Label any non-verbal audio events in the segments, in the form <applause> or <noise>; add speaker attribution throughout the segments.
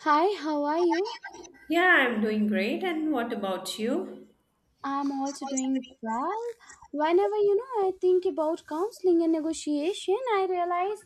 Speaker 1: Hi, how are you?
Speaker 2: Yeah, I'm doing great. And what about you?
Speaker 1: I'm also doing well. Whenever you know I think about counseling and negotiation, I realize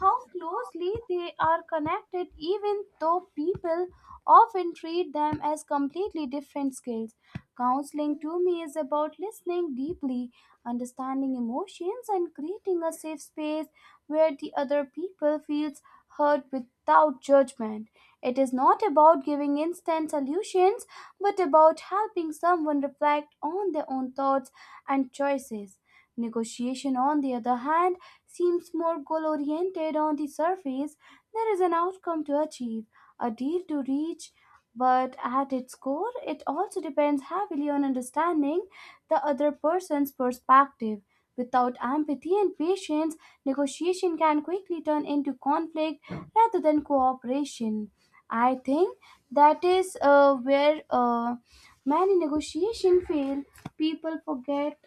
Speaker 1: how closely they are connected, even though people often treat them as completely different skills. Counseling to me is about listening deeply, understanding emotions, and creating a safe space where the other people feels heard without judgment. It is not about giving instant solutions, but about helping someone reflect on their own thoughts and choices. Negotiation, on the other hand, seems more goal oriented on the surface. There is an outcome to achieve, a deal to reach, but at its core, it also depends heavily on understanding the other person's perspective. Without empathy and patience, negotiation can quickly turn into conflict rather than cooperation. I think that is where many negotiations fail. People forget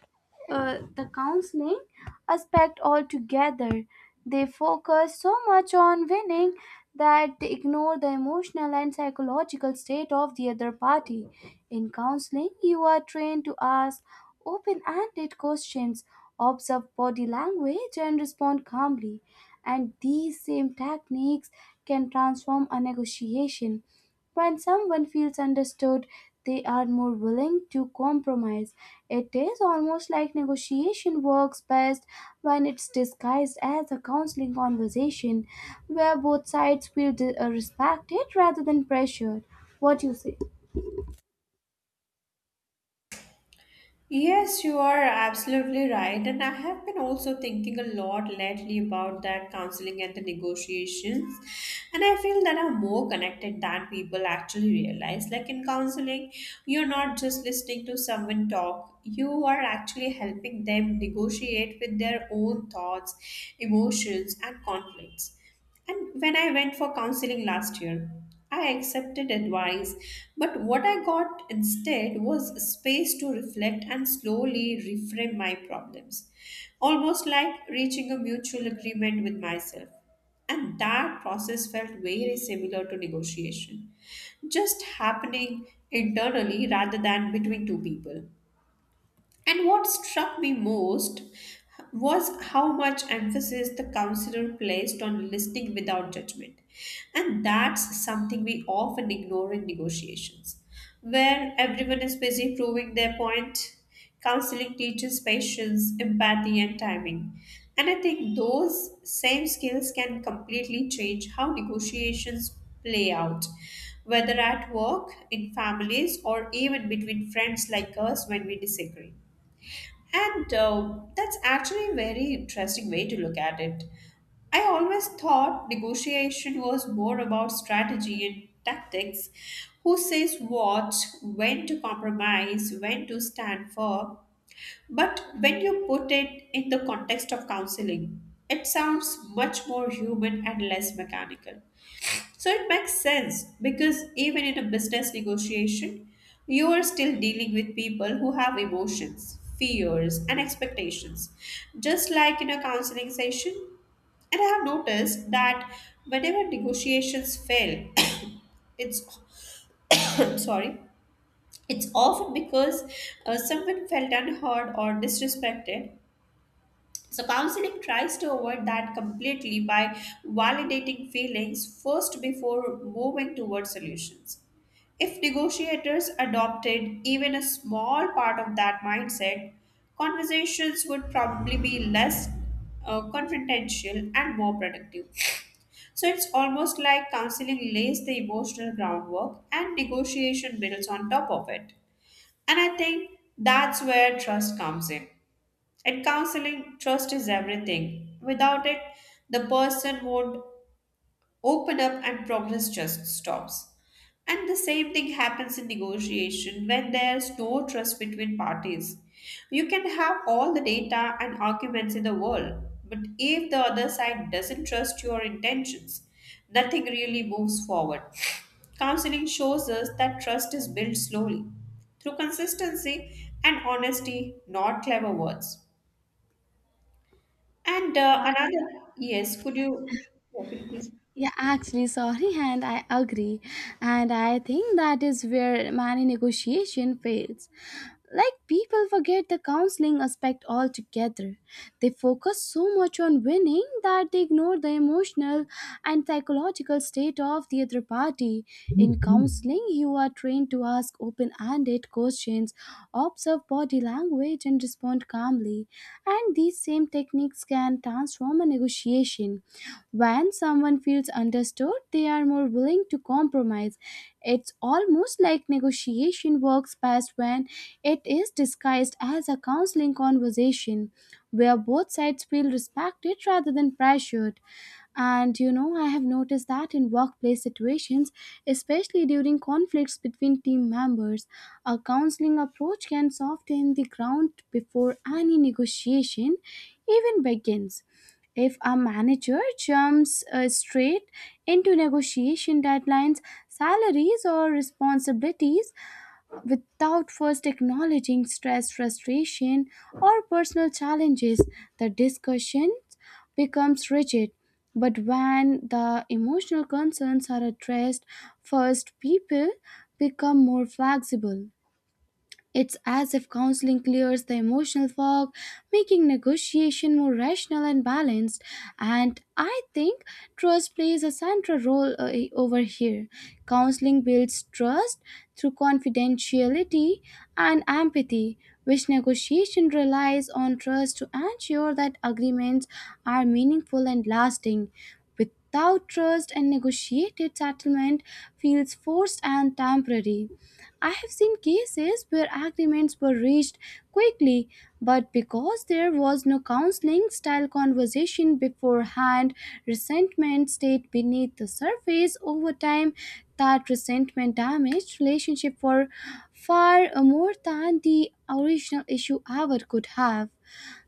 Speaker 1: the counseling aspect altogether. They focus so much on winning that they ignore the emotional and psychological state of the other party. In counseling, you are trained to ask open ended questions, observe body language, and respond calmly. And these same techniques can transform a negotiation when someone feels understood, they are more willing to compromise. It is almost like negotiation works best when it's disguised as a counseling conversation where both sides feel respected rather than pressured. What do you say?
Speaker 2: Yes, you are absolutely right. And I have been also thinking a lot lately about that counseling and the negotiations. And I feel that I'm more connected than people actually realize. Like in counseling, you're not just listening to someone talk, you are actually helping them negotiate with their own thoughts, emotions, and conflicts. And when I went for counseling last year, I accepted advice, but what I got instead was space to reflect and slowly reframe my problems, almost like reaching a mutual agreement with myself. And that process felt very similar to negotiation, just happening internally rather than between two people. And what struck me most was how much emphasis the counselor placed on listening without judgment. And that's something we often ignore in negotiations, where everyone is busy proving their point. Counseling teaches patience, empathy, and timing. And I think those same skills can completely change how negotiations play out, whether at work, in families, or even between friends like us when we disagree. And That's actually a very interesting way to look at it. I always thought negotiation was more about strategy and tactics, who says what, when to compromise, when to stand firm. But when you put it in the context of counseling, it sounds much more human and less mechanical. So it makes sense because even in a business negotiation, you are still dealing with people who have emotions, fears, and expectations, just like in a counseling session. And I have noticed that whenever negotiations fail, <coughs> it's <coughs> sorry, it's often because someone felt unheard or disrespected. So, counseling tries to avoid that completely by validating feelings first before moving towards solutions. If negotiators adopted even a small part of that mindset, conversations would probably be less confrontational and more productive. So, it's almost like counseling lays the emotional groundwork and negotiation builds on top of it. And I think that's where trust comes in. In counseling, trust is everything. Without it, the person won't open up and progress just stops. And the same thing happens in negotiation when there's no trust between parties. You can have all the data and arguments in the world, but if the other side doesn't trust your intentions, nothing really moves forward. Counseling shows us that trust is built slowly through consistency and honesty, not clever words. And Another, yes, could you, yeah, could you please?
Speaker 1: Yeah, actually, sorry, and I agree. And I think that is where many negotiation fails. Like people forget the counseling aspect altogether. They focus so much on winning that they ignore the emotional and psychological state of the other party. In counseling, you are trained to ask open ended questions, observe body language, and respond calmly. And these same techniques can transform a negotiation. When someone feels understood, they are more willing to compromise. It's almost like negotiation works best when it is disguised as a counseling conversation where both sides feel respected rather than pressured. And you know, I have noticed that in workplace situations, especially during conflicts between team members, a counseling approach can soften the ground before any negotiation even begins. If a manager jumps straight into negotiation deadlines, salaries, or responsibilities without first acknowledging stress, frustration, or personal challenges, the discussion becomes rigid. But when the emotional concerns are addressed first, people become more flexible. It's as if counseling clears the emotional fog, making negotiation more rational and balanced. And I think trust plays a central role over here. Counseling builds trust through confidentiality and empathy, which negotiation relies on trust to ensure that agreements are meaningful and lasting. Without trust, and negotiated settlement feels forced and temporary. I have seen cases where agreements were reached quickly, but because there was no counseling style conversation beforehand, resentment stayed beneath the surface over time. That resentment damaged relationship for far more than the original issue ever could have.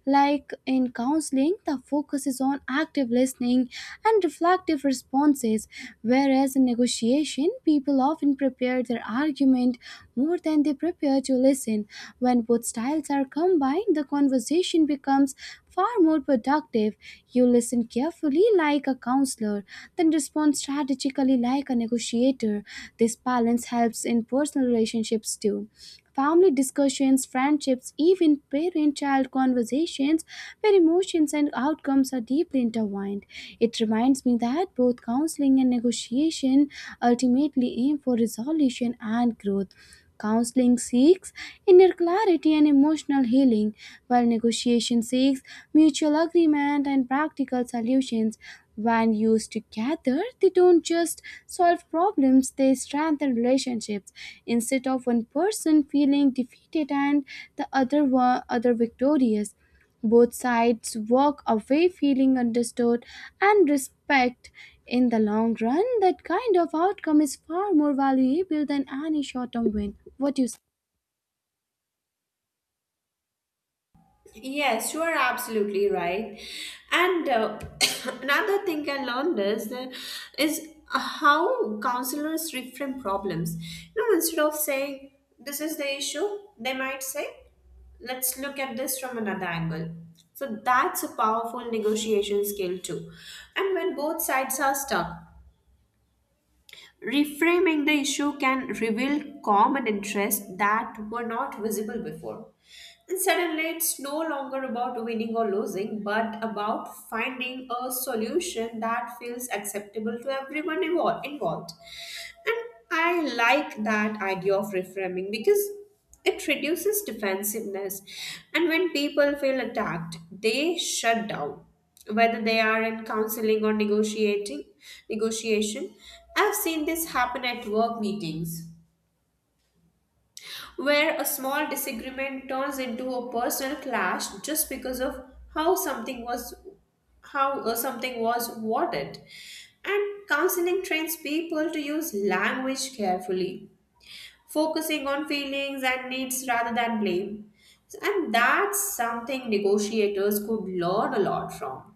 Speaker 1: Like in counseling, the focus is on active listening and reflective responses, whereas in negotiation, people often prepare their argument more than they prepare to listen. When both styles are combined, the conversation becomes far more productive. You listen carefully like a counselor, then respond strategically like a negotiator. This balance helps in personal relationships too. Family discussions, friendships, even parent child conversations, where emotions and outcomes are deeply intertwined. It reminds me that both counseling and negotiation ultimately aim for resolution and growth. Counseling seeks inner clarity and emotional healing, while negotiation seeks mutual agreement and practical solutions. When used together, they don't just solve problems, they strengthen relationships. Instead of one person feeling defeated and the other one other victorious, both sides walk away feeling understood and respect. In the long run, that kind of outcome is far more valuable than any short term win. What do you say?
Speaker 2: Yes, you are absolutely right. And <coughs> Another thing I learned is how counselors reframe problems. You know, instead of saying this is the issue, they might say, let's look at this from another angle. So that's a powerful negotiation skill too. And when both sides are stuck, reframing the issue can reveal common interests that were not visible before. And suddenly, it's no longer about winning or losing, but about finding a solution that feels acceptable to everyone involved. I like that idea of reframing because it reduces defensiveness. And when people feel attacked, they shut down. Whether they are in counseling or negotiating negotiation, I've seen this happen at work meetings where a small disagreement turns into a personal clash just because of how something was how something was worded. And counseling trains people to use language carefully, focusing on feelings and needs rather than blame. And that's something negotiators could learn a lot from.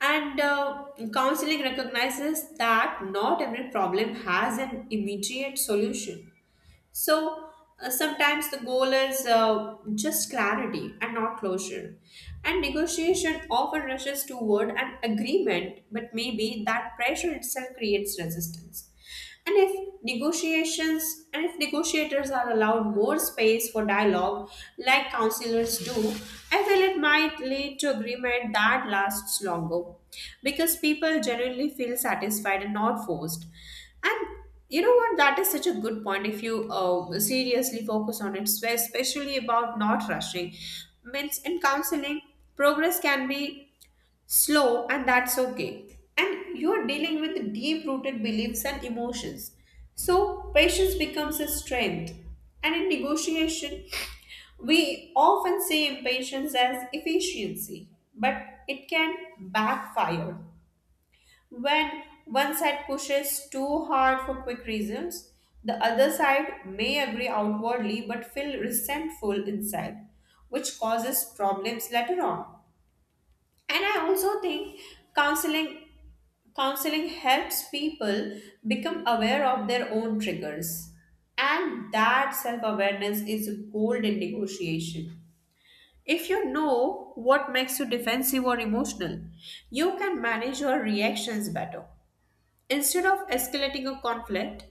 Speaker 2: And Counseling recognizes that not every problem has an immediate solution. So Sometimes the goal is just clarity and not closure. And negotiation often rushes toward an agreement, but maybe that pressure itself creates resistance. And if negotiations and if negotiators are allowed more space for dialogue, like counselors do, I feel it might lead to agreement that lasts longer because people generally feel satisfied and not forced. And you know what? That is such a good point. If you seriously focus on it, especially about not rushing, means in counseling, progress can be slow, and that's okay. And you're dealing with deep-rooted beliefs and emotions, so patience becomes a strength. And in negotiation, we often see impatience as efficiency, but it can backfire. When one side pushes too hard for quick reasons, the other side may agree outwardly but feel resentful inside, which causes problems later on. And I also think counseling counseling helps people become aware of their own triggers. And that self-awareness is gold in negotiation. If you know what makes you defensive or emotional, you can manage your reactions better. Instead of escalating a conflict,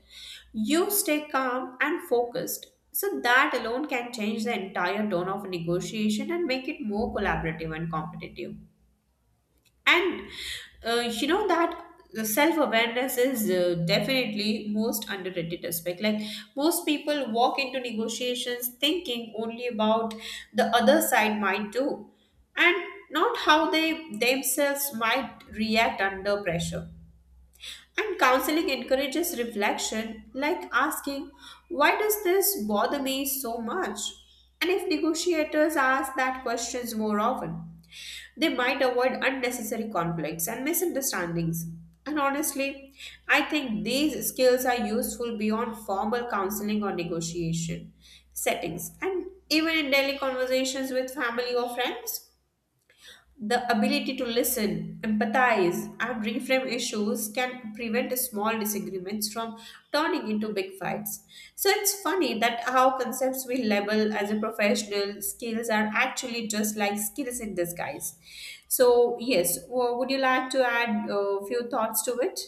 Speaker 2: you stay calm and focused. So, that alone can change the entire tone of a negotiation and make it more collaborative and competitive. And You know that the self-awareness is definitely most underrated aspect. Like most people walk into negotiations thinking only about the other side might do and not how they themselves might react under pressure, and counseling encourages reflection, like asking, why does this bother me so much? And if negotiators ask that questions more often, they might avoid unnecessary conflicts and misunderstandings. And honestly, I think these skills are useful beyond formal counseling or negotiation settings and even in daily conversations with family or friends. The ability to listen, empathize, and reframe issues can prevent small disagreements from turning into big fights. So it's funny that how concepts we label as a professional skills are actually just like skills in disguise. So yes, would you like to add a few thoughts to it?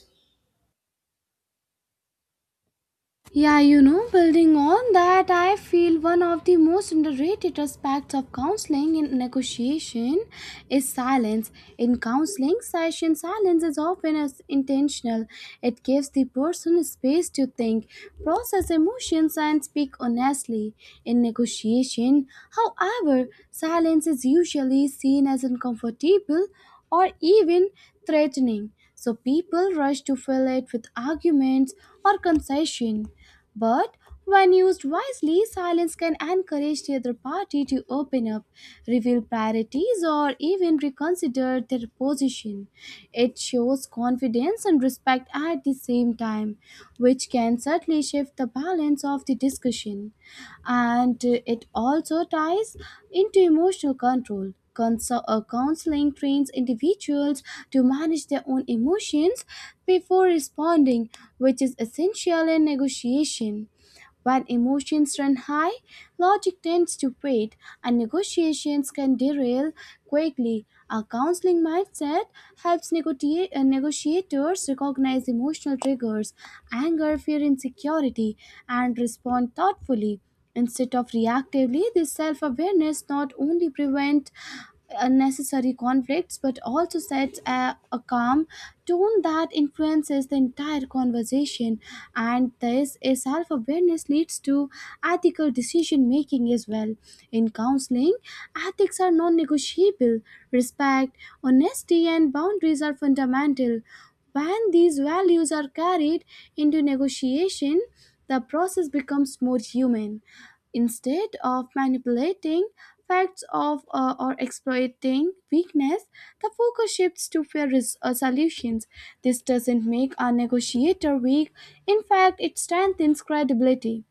Speaker 1: Yeah, you know, building on that, I feel one of the most underrated aspects of counseling in negotiation is silence. In counseling session, silence is often as intentional. It gives the person space to think, process emotions, and speak honestly. In negotiation, however, silence is usually seen as uncomfortable or even threatening. So people rush to fill it with arguments or concession. But when used wisely, silence can encourage the other party to open up, reveal priorities, or even reconsider their position. It shows confidence and respect at the same time, which can certainly shift the balance of the discussion and it also ties into emotional control. Counseling trains individuals to manage their own emotions before responding, which is essential in negotiation. When emotions run high, logic tends to fade, and negotiations can derail quickly. A counseling mindset helps negotiators recognize emotional triggers, anger, fear, insecurity, and respond thoughtfully. Instead of reactively, this self awareness not only prevents unnecessary conflicts but also sets a calm tone that influences the entire conversation. And this self awareness leads to ethical decision making as well. In counseling, ethics are non negotiable, respect, honesty, and boundaries are fundamental when these values are carried into negotiation, the process becomes more human. Instead of manipulating facts of or exploiting weakness, the focus shifts to fair solutions. This doesn't make our negotiator weak. In fact, it strengthens credibility.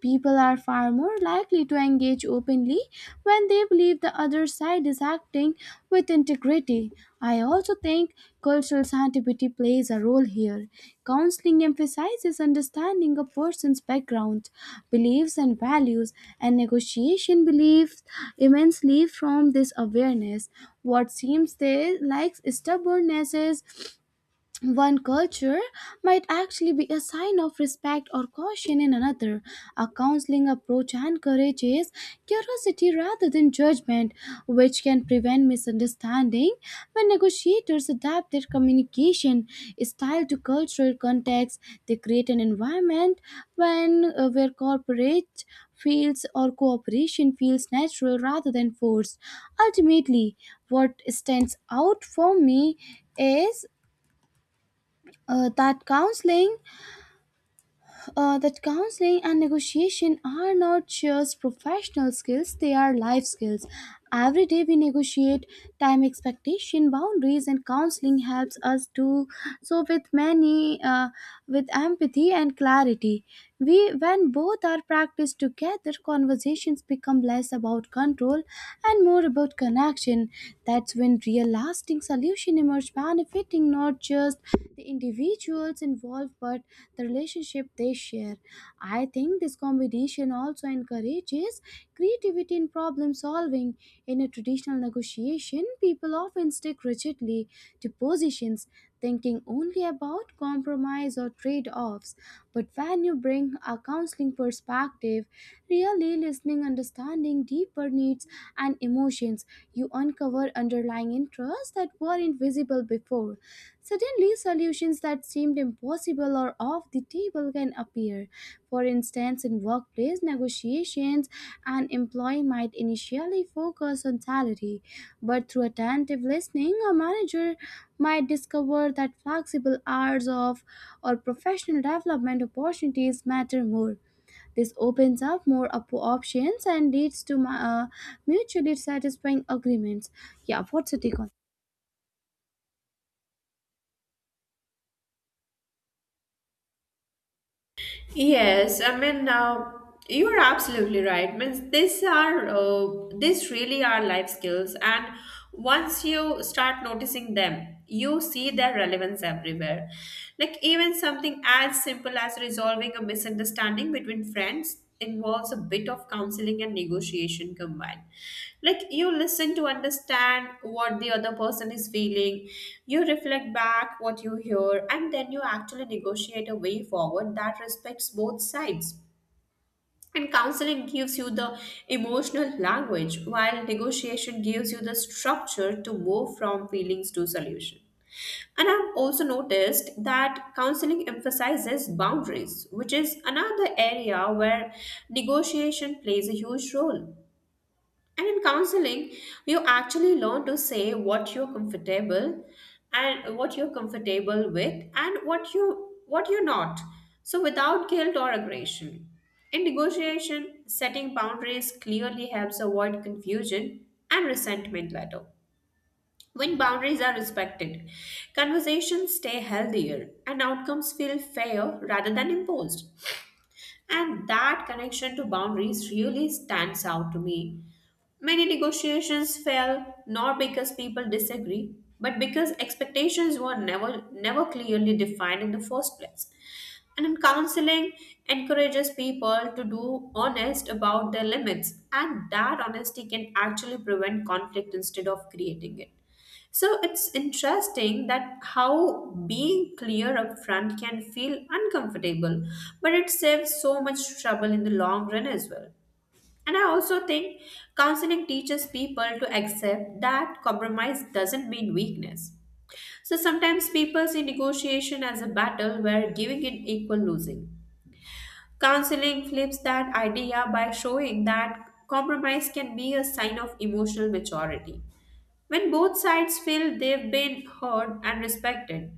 Speaker 1: People are far more likely to engage openly when they believe the other side is acting with integrity. I also think cultural sensitivity plays a role here. Counseling emphasizes understanding a person's background, beliefs, and values, and negotiation believes immensely from this awareness. What seems they like stubbornness is one culture might actually be a sign of respect or caution in another. A counseling approach encourages curiosity rather than judgment, which can prevent misunderstanding when negotiators adapt their communication style to cultural context. They create an environment when where corporate feels or cooperation feels natural rather than forced. Ultimately, what stands out for me is uh, that counseling that counseling and negotiation are not just professional skills they are life skills every day we negotiate time expectation boundaries and counseling helps us do so with empathy and clarity we when both are practiced together conversations become less about control and more about connection that's when real lasting solution emerge benefiting not just the individuals involved but the relationship they share. I think this combination also encourages creativity in problem solving. In a traditional negotiation, people often stick rigidly to positions, thinking only about compromise or trade offs. But when you bring a counseling perspective, really listening, understanding deeper needs and emotions, you uncover underlying interests that weren't visible before. Suddenly, solutions that seemed impossible or off the table can appear. For instance, in workplace negotiations, an employee might initially focus on salary, but through attentive listening, a manager might discover that flexible hours of or professional development opportunities matter more. This opens up more options and leads to mutually satisfying agreements. Yeah, what's your take on?
Speaker 2: Yes, I mean, you are absolutely right. Means these are these really are life skills, and once you start noticing them, you see their relevance everywhere. Like even something as simple as resolving a misunderstanding between friends involves a bit of counseling and negotiation combined. Like you listen to understand what the other person is feeling, you reflect back what you hear, and then you actually negotiate a way forward that respects both sides. And counseling gives you the emotional language, while negotiation gives you the structure to move from feelings to solution. And I've also noticed that counseling emphasizes boundaries, which is another area where negotiation plays a huge role. And in counseling, you actually learn to say what you're comfortable with and what you what you're not. So without guilt or aggression. In negotiation, setting boundaries clearly helps avoid confusion and resentment later. When boundaries are respected, conversations stay healthier and outcomes feel fair rather than imposed. And that connection to boundaries really stands out to me. Many negotiations fail not because people disagree, but because expectations were never clearly defined in the first place. And in counseling encourages people to do honest about their limits, and that honesty can actually prevent conflict instead of creating it. So it's interesting that how being clear up front can feel uncomfortable, but it saves so much trouble in the long run as well. And I also think counseling teaches people to accept that compromise doesn't mean weakness. So sometimes people see negotiation as a battle where giving in equal losing. Counseling flips that idea by showing that compromise can be a sign of emotional maturity. When both sides feel they've been heard and respected,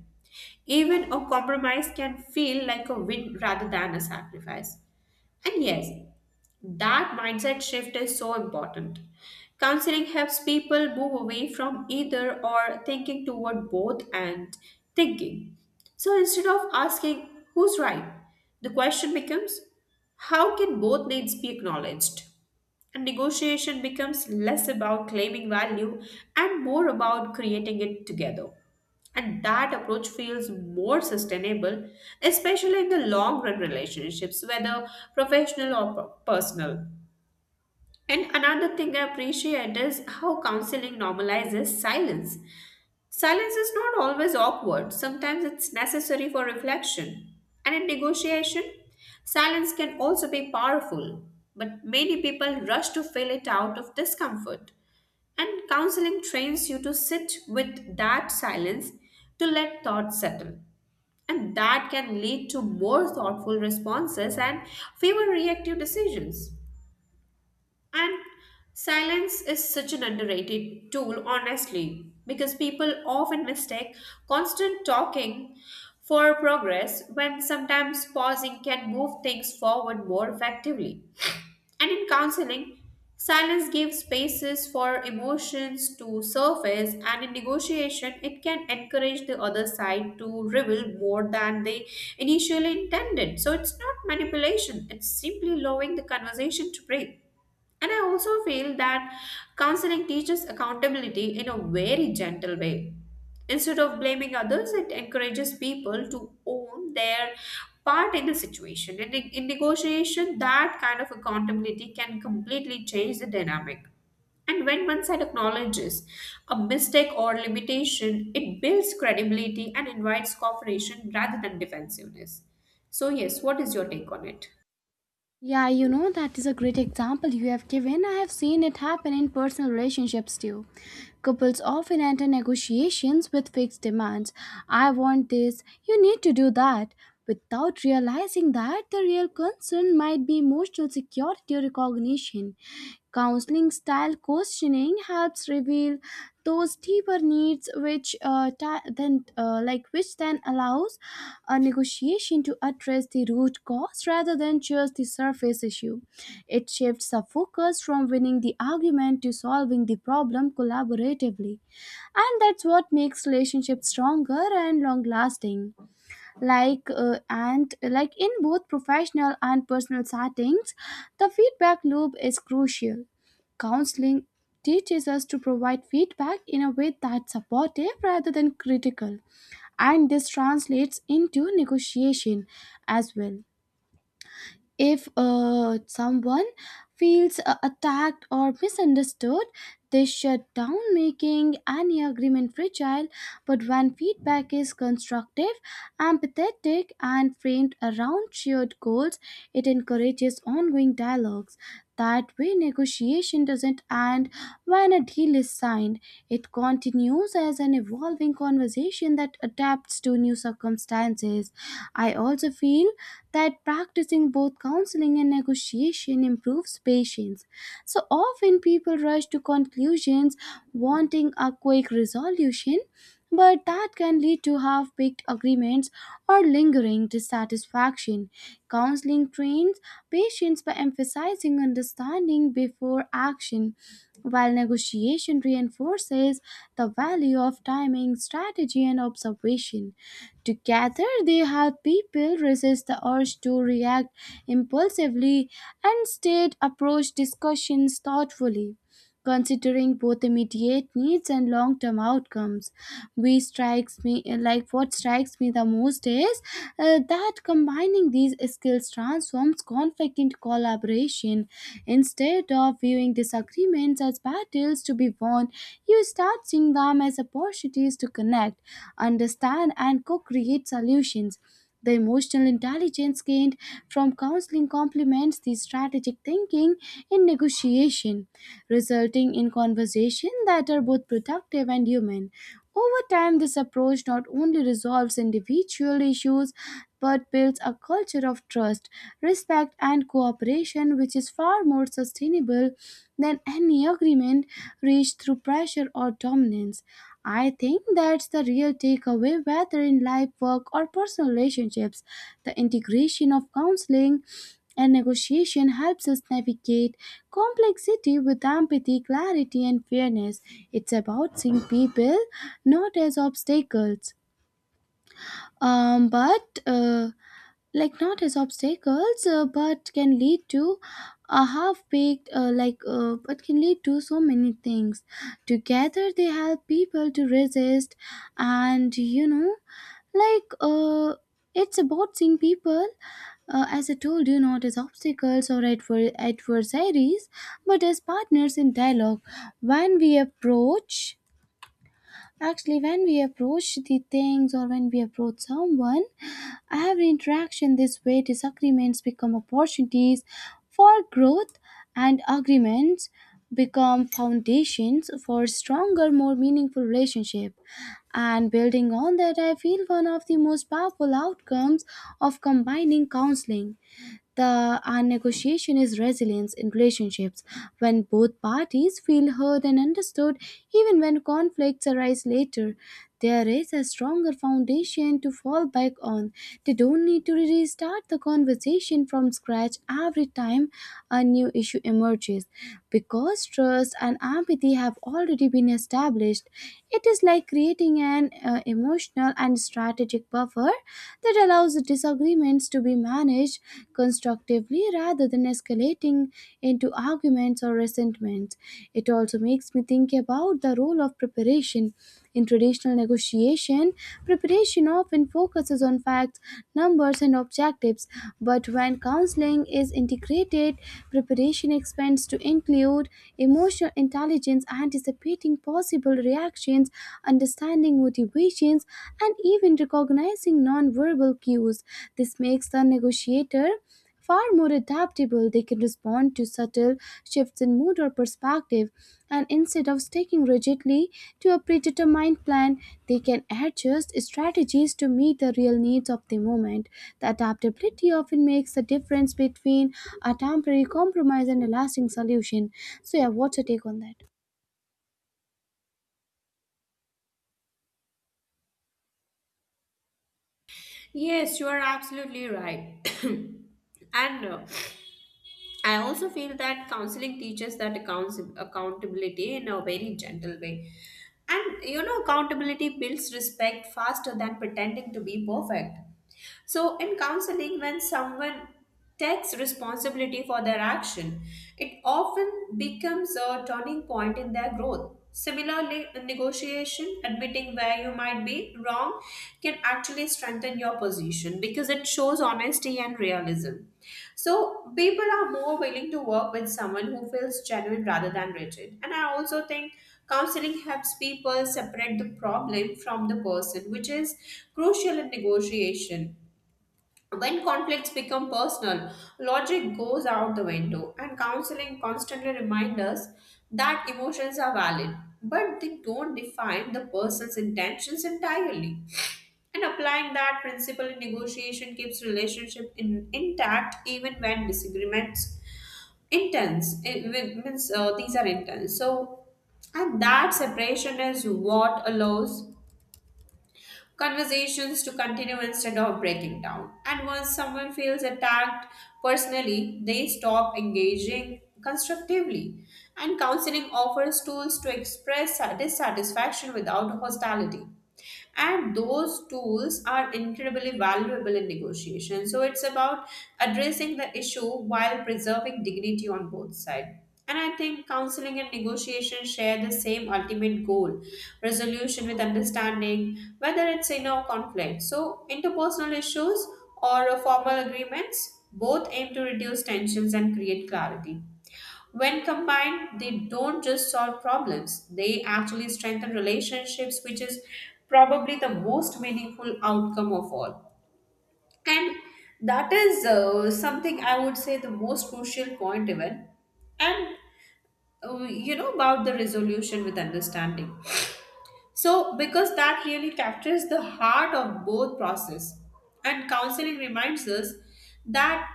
Speaker 2: even a compromise can feel like a win rather than a sacrifice. And yes, that mindset shift is so important. Counseling helps people move away from either or thinking toward both and thinking. So instead of asking who's right, the question becomes how can both needs be acknowledged? And negotiation becomes less about claiming value and more about creating it together. And that approach feels more sustainable, especially in the long run relationships, whether professional or personal. And another thing I appreciate is how counseling normalizes silence. Silence is not always awkward, sometimes it's necessary for reflection. And in negotiation, silence can also be powerful, but many people rush to fill it out of discomfort. And counseling trains you to sit with that silence to let thoughts settle. And that can lead to more thoughtful responses and fewer reactive decisions. And silence is such an underrated tool, honestly, because people often mistake constant talking for progress when sometimes pausing can move things forward more effectively. And in counseling, silence gives spaces for emotions to surface, and in negotiation, it can encourage the other side to reveal more than they initially intended. So it's not manipulation, it's simply allowing the conversation to breathe. And I also feel that counseling teaches accountability in a very gentle way. Instead of blaming others, it encourages people to own their part in the situation. And in negotiation, that kind of accountability can completely change the dynamic. And when one side acknowledges a mistake or limitation, it builds credibility and invites cooperation rather than defensiveness. So, yes, what is your take on it?
Speaker 1: Yeah, you know that is a great example you have given. I have seen it happen in personal relationships too. Couples often enter negotiations with fixed demands. I want this, you need to do that, without realizing that the real concern might be emotional security or recognition. Counseling style questioning helps reveal those deeper needs, which then allows a negotiation to address the root cause rather than just the surface issue. It shifts the focus from winning the argument to solving the problem collaboratively, and that's what makes relationships stronger and long lasting and like in both professional and personal settings the feedback loop is crucial counseling teaches us to provide feedback in a way that's supportive rather than critical and this translates into negotiation as well if someone feels attacked or misunderstood, they shut down, making any agreement fragile. But when feedback is constructive, empathetic, and framed around shared goals, it encourages ongoing dialogues. That way, negotiation doesn't end when a deal is signed. It continues as an evolving conversation that adapts to new circumstances. I also feel that practicing both counseling and negotiation improves patience. So often people rush to conclusions wanting a quick resolution but that can lead to half baked agreements or lingering dissatisfaction. Counseling trains patients by emphasizing understanding before action, while negotiation reinforces the value of timing, strategy, and observation. Together, they help people resist the urge to react impulsively and instead approach discussions thoughtfully considering both immediate needs and long-term outcomes. We strikes me like what strikes me the most is that combining these skills transforms conflict into collaboration. Instead of viewing disagreements as battles to be won, you start seeing them as opportunities to connect, understand, and co-create solutions. The emotional intelligence gained from counseling complements the strategic thinking in negotiation, resulting in conversations that are both productive and human. Over time, this approach not only resolves individual issues but builds a culture of trust, respect, and cooperation, which is far more sustainable than any agreement reached through pressure or dominance. I think that's the real takeaway, whether in life, work, or personal relationships. The integration of counseling and negotiation helps us navigate complexity with empathy, clarity, and fairness. It's about seeing people not as obstacles, but like not as obstacles but can lead to a half baked like but can lead to so many things together. They help people to resist, and you know like it's about seeing people, as I told you, not as obstacles or adversaries but as partners in dialogue. When we approach Actually, when we approach the things, or when we approach someone, every interaction this way, disagreements become opportunities for growth, and agreements become foundations for stronger, more meaningful relationship. And building on that, I feel one of the most powerful outcomes of combining counseling the our negotiation is resilience in relationships. When both parties feel heard and understood, even when conflicts arise later, there is a stronger foundation to fall back on. They don't need to restart the conversation from scratch every time a new issue emerges. Because trust and empathy have already been established, it is like creating an emotional and strategic buffer that allows disagreements to be managed constructively rather than escalating into arguments or resentments. It also makes me think about the role of preparation. In traditional negotiation, preparation often focuses on facts, numbers, and objectives, but when counseling is integrated, preparation expands to include emotional intelligence, anticipating possible reactions, understanding motivations, and even recognizing non-verbal cues. This makes the negotiator far more adaptable. They can respond to subtle shifts in mood or perspective, and instead of sticking rigidly to a predetermined plan, they can adjust strategies to meet the real needs of the moment. The adaptability often makes the difference between a temporary compromise and a lasting solution. So, yeah, what's your take on that?
Speaker 2: Yes, you are absolutely right. <coughs> And I also feel that counseling teaches that accountability in a very gentle way. And you know, accountability builds respect faster than pretending to be perfect. So, in counseling, when someone takes responsibility for their action, it often becomes a turning point in their growth. Similarly, in negotiation, admitting where you might be wrong can actually strengthen your position because it shows honesty and realism. So people are more willing to work with someone who feels genuine rather than rigid. And I also think counseling helps people separate the problem from the person, which is crucial in negotiation. When conflicts become personal, logic goes out the window, and counseling constantly reminds us that emotions are valid, but they don't define the person's intentions entirely. And applying that principle in negotiation keeps intact even when disagreements intense. It wi- means These are intense. So, and that separation is what allows conversations to continue instead of breaking down. And once someone feels attacked personally, they stop engaging constructively. And counseling offers tools to express dissatisfaction without hostility, and those tools are incredibly valuable in negotiation. So it's about addressing the issue while preserving dignity on both sides. And I think counseling and negotiation share the same ultimate goal: resolution with understanding. Whether it's in a conflict, so interpersonal issues or formal agreements, both aim to reduce tensions and create clarity. When combined, they don't just solve problems, they actually strengthen relationships, which is probably the most meaningful outcome of all. And that is something I would say the most crucial point, even. And you know, about the resolution with understanding. So, because that really captures the heart of both process, and counseling reminds us that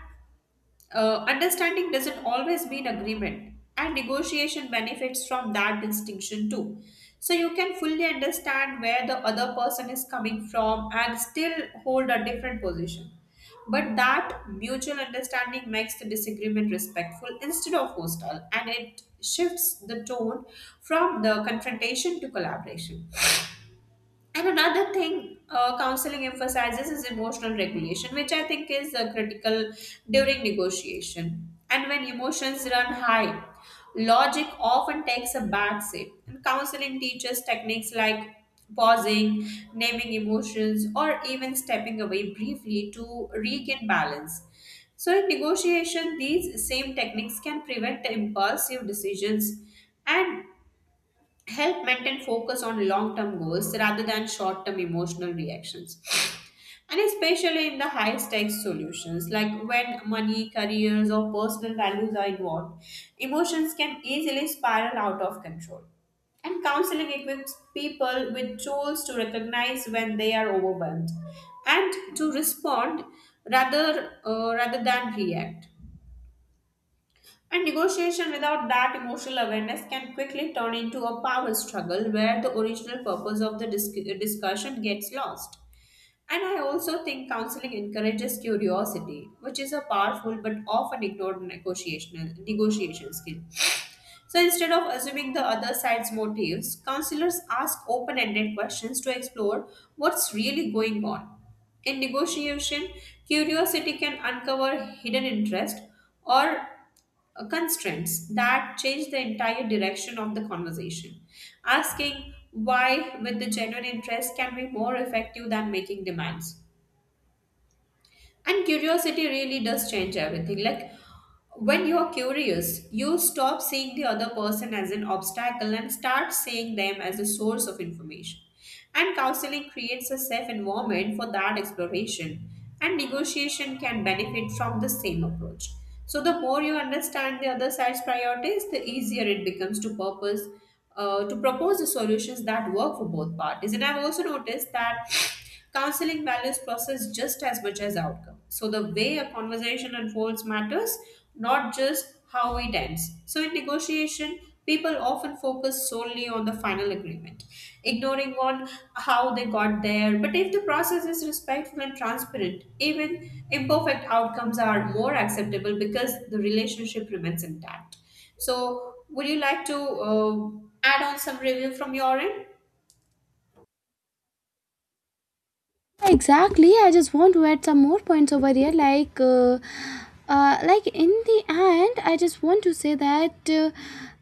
Speaker 2: understanding doesn't always mean agreement, and negotiation benefits from that distinction too. So you can fully understand where the other person is coming from and still hold a different position. But that mutual understanding makes the disagreement respectful instead of hostile, and it shifts the tone from the confrontation to collaboration. And another thing, counseling emphasizes is emotional regulation, which I think is critical during negotiation. And when emotions run high, logic often takes a backseat. And counseling teaches techniques like pausing, naming emotions, or even stepping away briefly to regain balance. So, in negotiation, these same techniques can prevent impulsive decisions and help maintain focus on long term goals rather than short term emotional reactions. And especially in the high stakes solutions, like when money, careers, or personal values are involved, emotions can easily spiral out of control. And counseling equips people with tools to recognize when they are overwhelmed and to respond rather than react. And negotiation without that emotional awareness can quickly turn into a power struggle where the original purpose of the discussion gets lost. And I also think counseling encourages curiosity, which is a powerful but often ignored negotiation skill. <sniffs> So instead of assuming the other side's motives, counselors ask open ended questions to explore what's really going on. In negotiation, curiosity can uncover hidden interest or constraints that change the entire direction of the conversation. Asking why with the genuine interest can be more effective than making demands. And curiosity really does change everything. Like when you are curious, you stop seeing the other person as an obstacle and start seeing them as a source of information. And counseling creates a safe environment for that exploration, and negotiation can benefit from the same approach. So, the more you understand the other side's priorities, the easier it becomes to purpose. To propose the solutions that work for both parties. And I've also noticed that counseling values process just as much as outcome. So the way a conversation unfolds matters, not just how it ends. So in negotiation, people often focus solely on the final agreement, ignoring on how they got there. But if the process is respectful and transparent, even imperfect outcomes are more acceptable because the relationship remains intact. So would you like to add on some review from your end?
Speaker 1: Exactly, I just want to add some more points over here. Like in the end, I just want to say that, uh,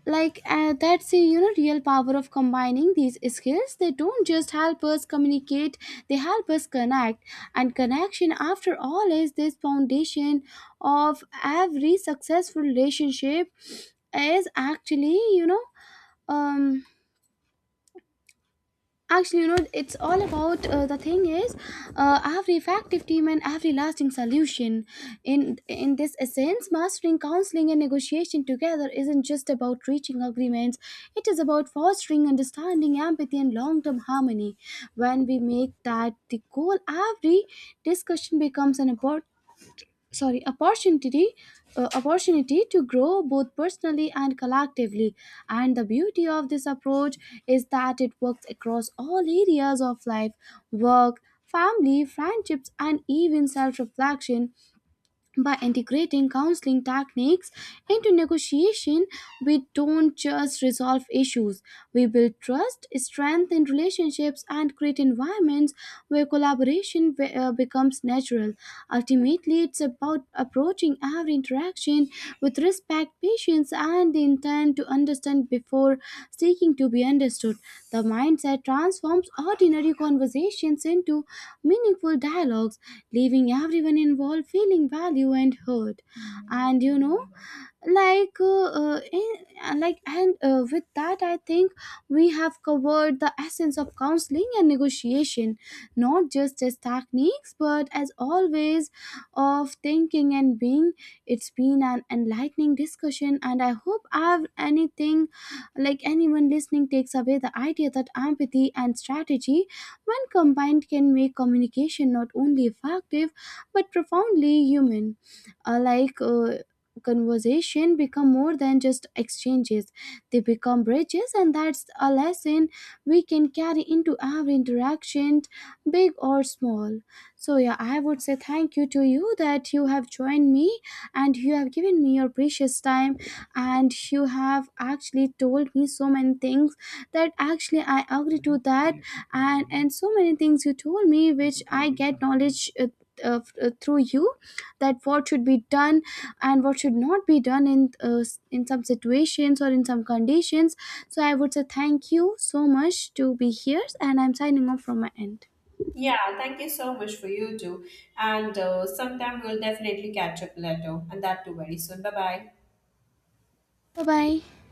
Speaker 1: like uh, that's the, you know, real power of combining these skills. They don't just help us communicate, they help us connect, and connection, after all, is this foundation of every successful relationship. Is actually you know um Actually, you know, it's all about, the thing is, every effective team and every lasting solution. In this essence, mastering counseling and negotiation together isn't just about reaching agreements. It is about fostering understanding, empathy, and long-term harmony. When we make that the goal, every discussion becomes an oppor- sorry opportunity, opportunity to grow both personally and collectively. And the beauty of this approach is that it works across all areas of life: work, family, friendships, and even self reflection. By integrating counseling techniques into negotiation, we don't just resolve issues, we build trust, strengthen relationships, and create environments where collaboration becomes natural. Ultimately, it's about approaching every interaction with respect, patience, and the intent to understand before seeking to be understood. The mindset transforms ordinary conversations into meaningful dialogues, leaving everyone involved feeling valued and heard. And you know, like in- and like and With that, I think we have covered the essence of counseling and negotiation, not just as techniques but as always of thinking and being. It's been an enlightening discussion, and I hope I've anything like anyone listening takes away the idea that empathy and strategy, when combined, can make communication not only effective but profoundly human. uh, like uh, Conversation become more than just exchanges, they become bridges, and that's a lesson we can carry into every interaction, big or small. So, yeah, I would say thank you to you that you have joined me, and you have given me your precious time, and you have actually told me so many things that actually I agree to that. And so many things you told me which I get knowledge uh, through you, that what should be done and what should not be done in in some situations or in some conditions. So I would say thank you so much to be here, and I'm signing off from my end.
Speaker 2: Yeah, thank you so much for you too. And sometime we'll definitely catch up later, and that too very soon. Bye bye.
Speaker 1: Bye bye.